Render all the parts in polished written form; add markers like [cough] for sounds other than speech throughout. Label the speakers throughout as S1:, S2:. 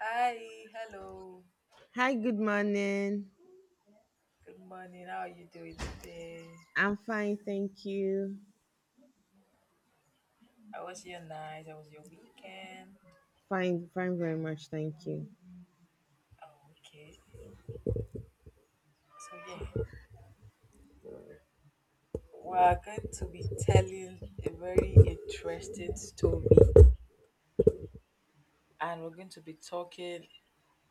S1: Hi, hello,
S2: Hi, good morning.
S1: good morning. How are you doing today?
S2: I'm fine, thank you.
S1: How was your night? How was your weekend?
S2: Fine, fine, very much, thank you.
S1: Oh, okay. So, yeah, we are going to be telling a very interesting story, and we're going to be talking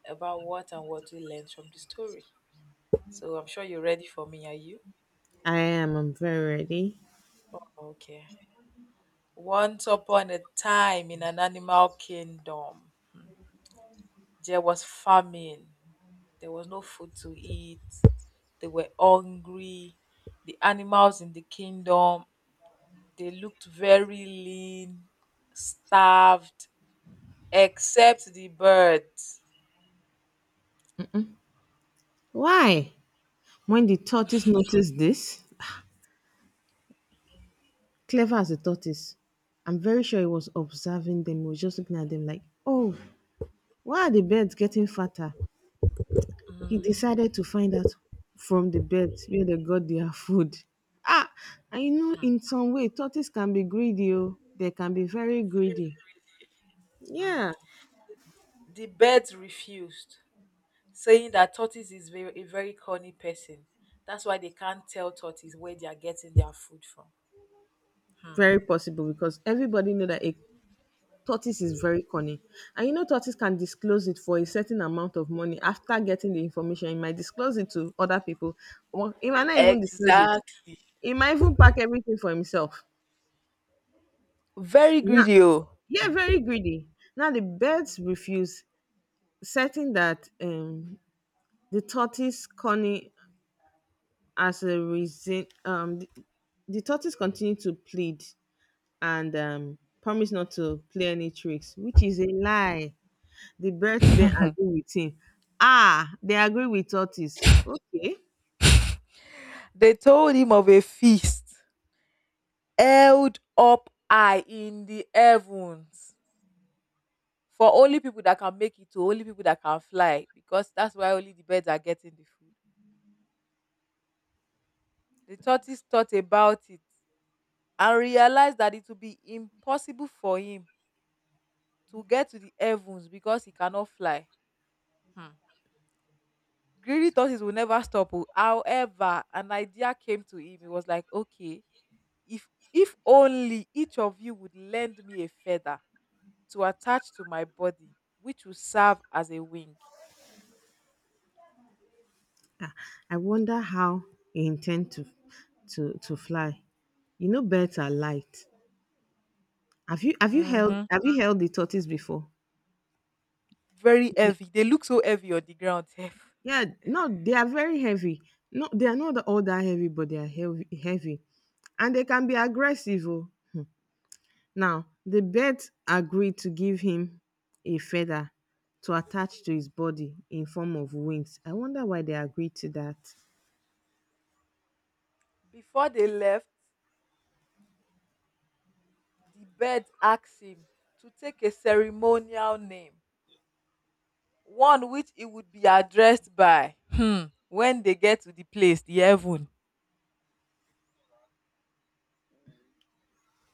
S1: about what and what we learned from the story. So, I'm sure you're ready for me, are you?
S2: I am, I'm very ready.
S1: Okay. Once upon a time in an animal kingdom, there was famine. There was no food to eat. They were hungry. The animals in the kingdom, they looked very lean, starved, except the birds.
S2: Why? When the tortoise noticed this, clever as a tortoise, I'm very sure he was observing them, he was just looking at them like, oh, why are the birds getting fatter? He decided to find out from the birds where they got their [laughs] food. Ah, I know
S1: Hmm.
S2: in some way tortoise can be greedy, oh. They can be very greedy. Yeah.
S1: The birds refused, saying that tortoise is a very corny person. That's why they can't tell tortoise where they are getting their food from. Hmm.
S2: Very possible, because everybody know that a tortoise is very cunning, and you know tortoise can disclose it for a certain amount of money. After getting the information, he might disclose it to other people, or he might not even disclose it.
S1: Exact.
S2: He might even pack everything for himself.
S1: Very
S2: Now,
S1: greedy, oh.
S2: yeah, very greedy. Now the birds refuse, certain that the tortoise cunning as a reason. The tortoise continued to plead and promise not to play any tricks, which is a lie. The birds then
S1: [laughs]
S2: agree with him. Ah, they agree with tortoise. Okay.
S1: They told him of a feast held up high in the heavens for only people that can make it to only people that can fly, because that's why only the birds are getting the food. The tortoise thought about it and realized that it would be impossible for him to get to the heavens because he cannot fly. Hmm. Greedy tortoise will never stop, oh. However, an idea came to him. He was like, okay, if only each of you would lend me a feather to attach to my body, which will serve as a wing.
S2: Ah, I wonder how he intend to to fly. You know birds are light. Have you have you held
S1: Mm-hmm.
S2: have you held the tortoise before?
S1: Very
S2: Yeah.
S1: heavy. They look so heavy on the ground. [laughs] sef.
S2: Yeah, no, they are very heavy. No, they are not all that heavy, but they are heavy. And they can be aggressive. Oh. Now, the birds agreed to give him a feather to attach to his body in form of wings. I wonder why they agreed to that.
S1: Before they left, the bird asked him to take a ceremonial name, one which it would be addressed by. Hmm. When they get to the place, the heaven.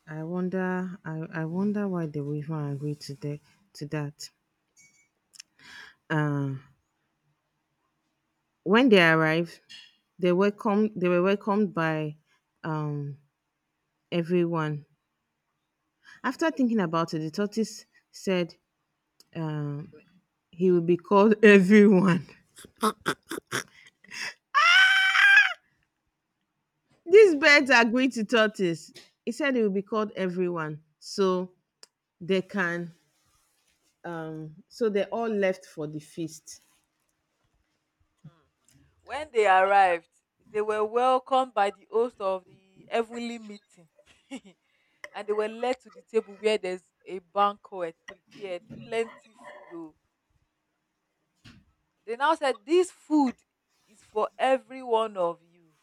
S2: I wonder why they would even agree to to that. Uh, when they arrived, they were welcomed by um, everyone. After thinking about it, the tortoise said um, he will be called [laughs] everyone. These birds agreed to tortoise. He said it will be called everyone. They can so they all left for the feast.
S1: When they arrived, they were welcomed by the host of the heavenly meeting, [laughs] and they were led to the table where there's a banquet prepared, plenty food. Oh. They now said, "This food is for every one of you."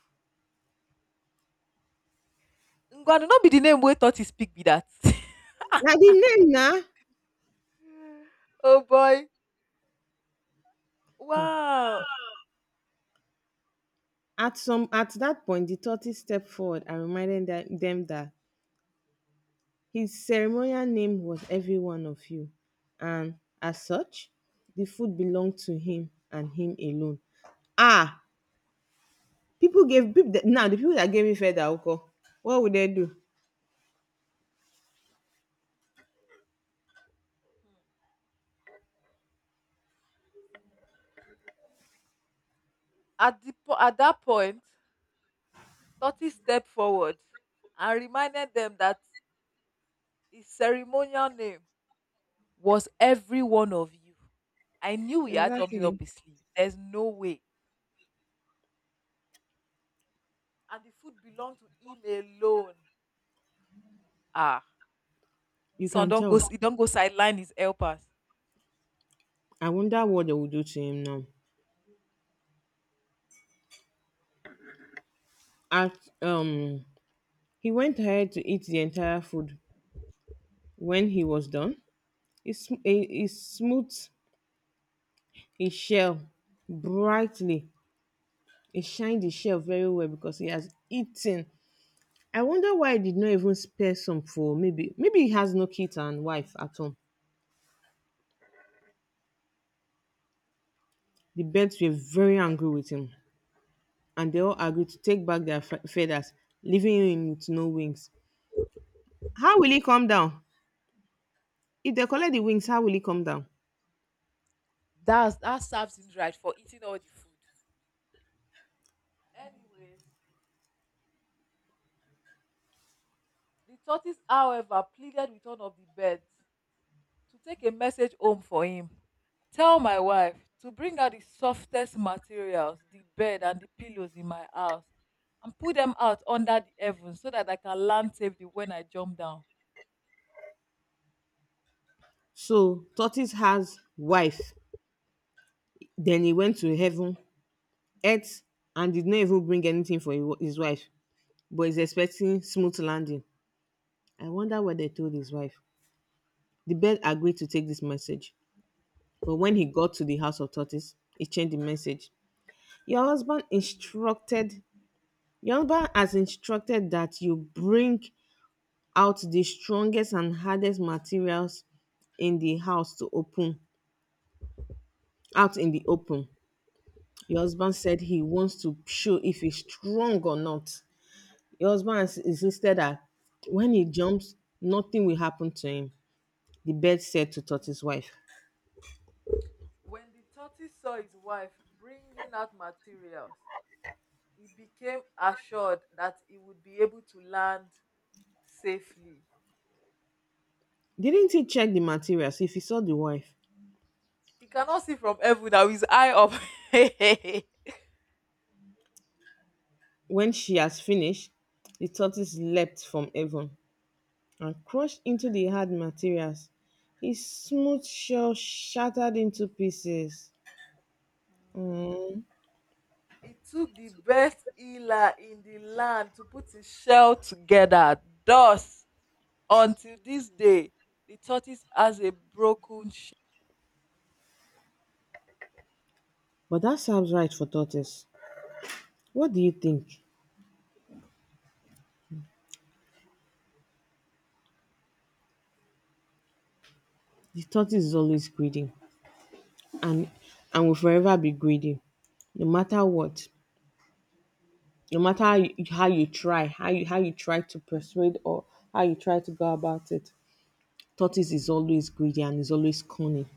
S1: Ngwanu no be the name wey tortoise speak be that. [laughs]
S2: Now the name now
S1: Oh boy. Wow.
S2: at that point the tortoise stepped forward and reminded them that his ceremonial name was every one of you. And as such, the food belonged to him and him alone. Ah, people gave people now the people that gave me feather alcohol. What would they do?
S1: At that point, tortoise stepped forward and reminded them that his ceremonial name was every one of you. I knew he had something up
S2: Exactly.
S1: his sleeve. There's no way. And the food belonged to him alone. Ah.
S2: You
S1: This one
S2: can
S1: don't
S2: tell.
S1: go He don't go sideline his helpers.
S2: I wonder what they will do to him now. At, um, he went ahead to eat the entire food. When he was done, he smoothed his shell brightly. He shined his shell very well because he has eaten. I wonder why he did not even spare some for maybe he has no kid and wife at home. The birds were very angry with him, and they all agreed to take back their feathers, leaving him with no wings. How will he come down? If they collect the wings, how will he come down?
S1: That's that serves him right for eating all the food. Anyways, the tortoise, however, pleaded with one of the birds to take a message home for him. Tell my wife to bring out the softest materials, the bed and the pillows in my house, and put them out under the heavens so that I can land safely when I jump down.
S2: So tortoise has wife, then he went to heaven, ate, and did not even bring anything for his wife, but is expecting smooth landing. I wonder what they told his wife. The bird agreed to take this message, but when he got to the house of tortoise, he changed the message. Your husband instructed, your husband has instructed that you bring out the strongest and hardest materials in the house to open out in the open. Your husband said he wants to show if he's strong or not. Your husband has insisted that when he jumps, nothing will happen to him. The bird said to Tortoise wife.
S1: When the tortoise saw his wife bringing out materials, he became assured that he would be able to land safely.
S2: Didn't he check the materials if he saw the wife?
S1: He cannot see from heaven now, his eye up. [laughs]
S2: When she has finished, the tortoise leapt from heaven and crushed into the hard materials. His smooth shell shattered into pieces.
S1: Mm.
S2: Mm.
S1: He took the best healer in the land to put his shell together. Thus, until this day, the tortoise has a broken
S2: But that sounds right for tortoise. What do you think? The tortoise is always greedy, and and will forever be greedy. No matter what, no matter how you try, how you try to persuade, or how you try to go about it, tortoise is always greedy and is always cunning.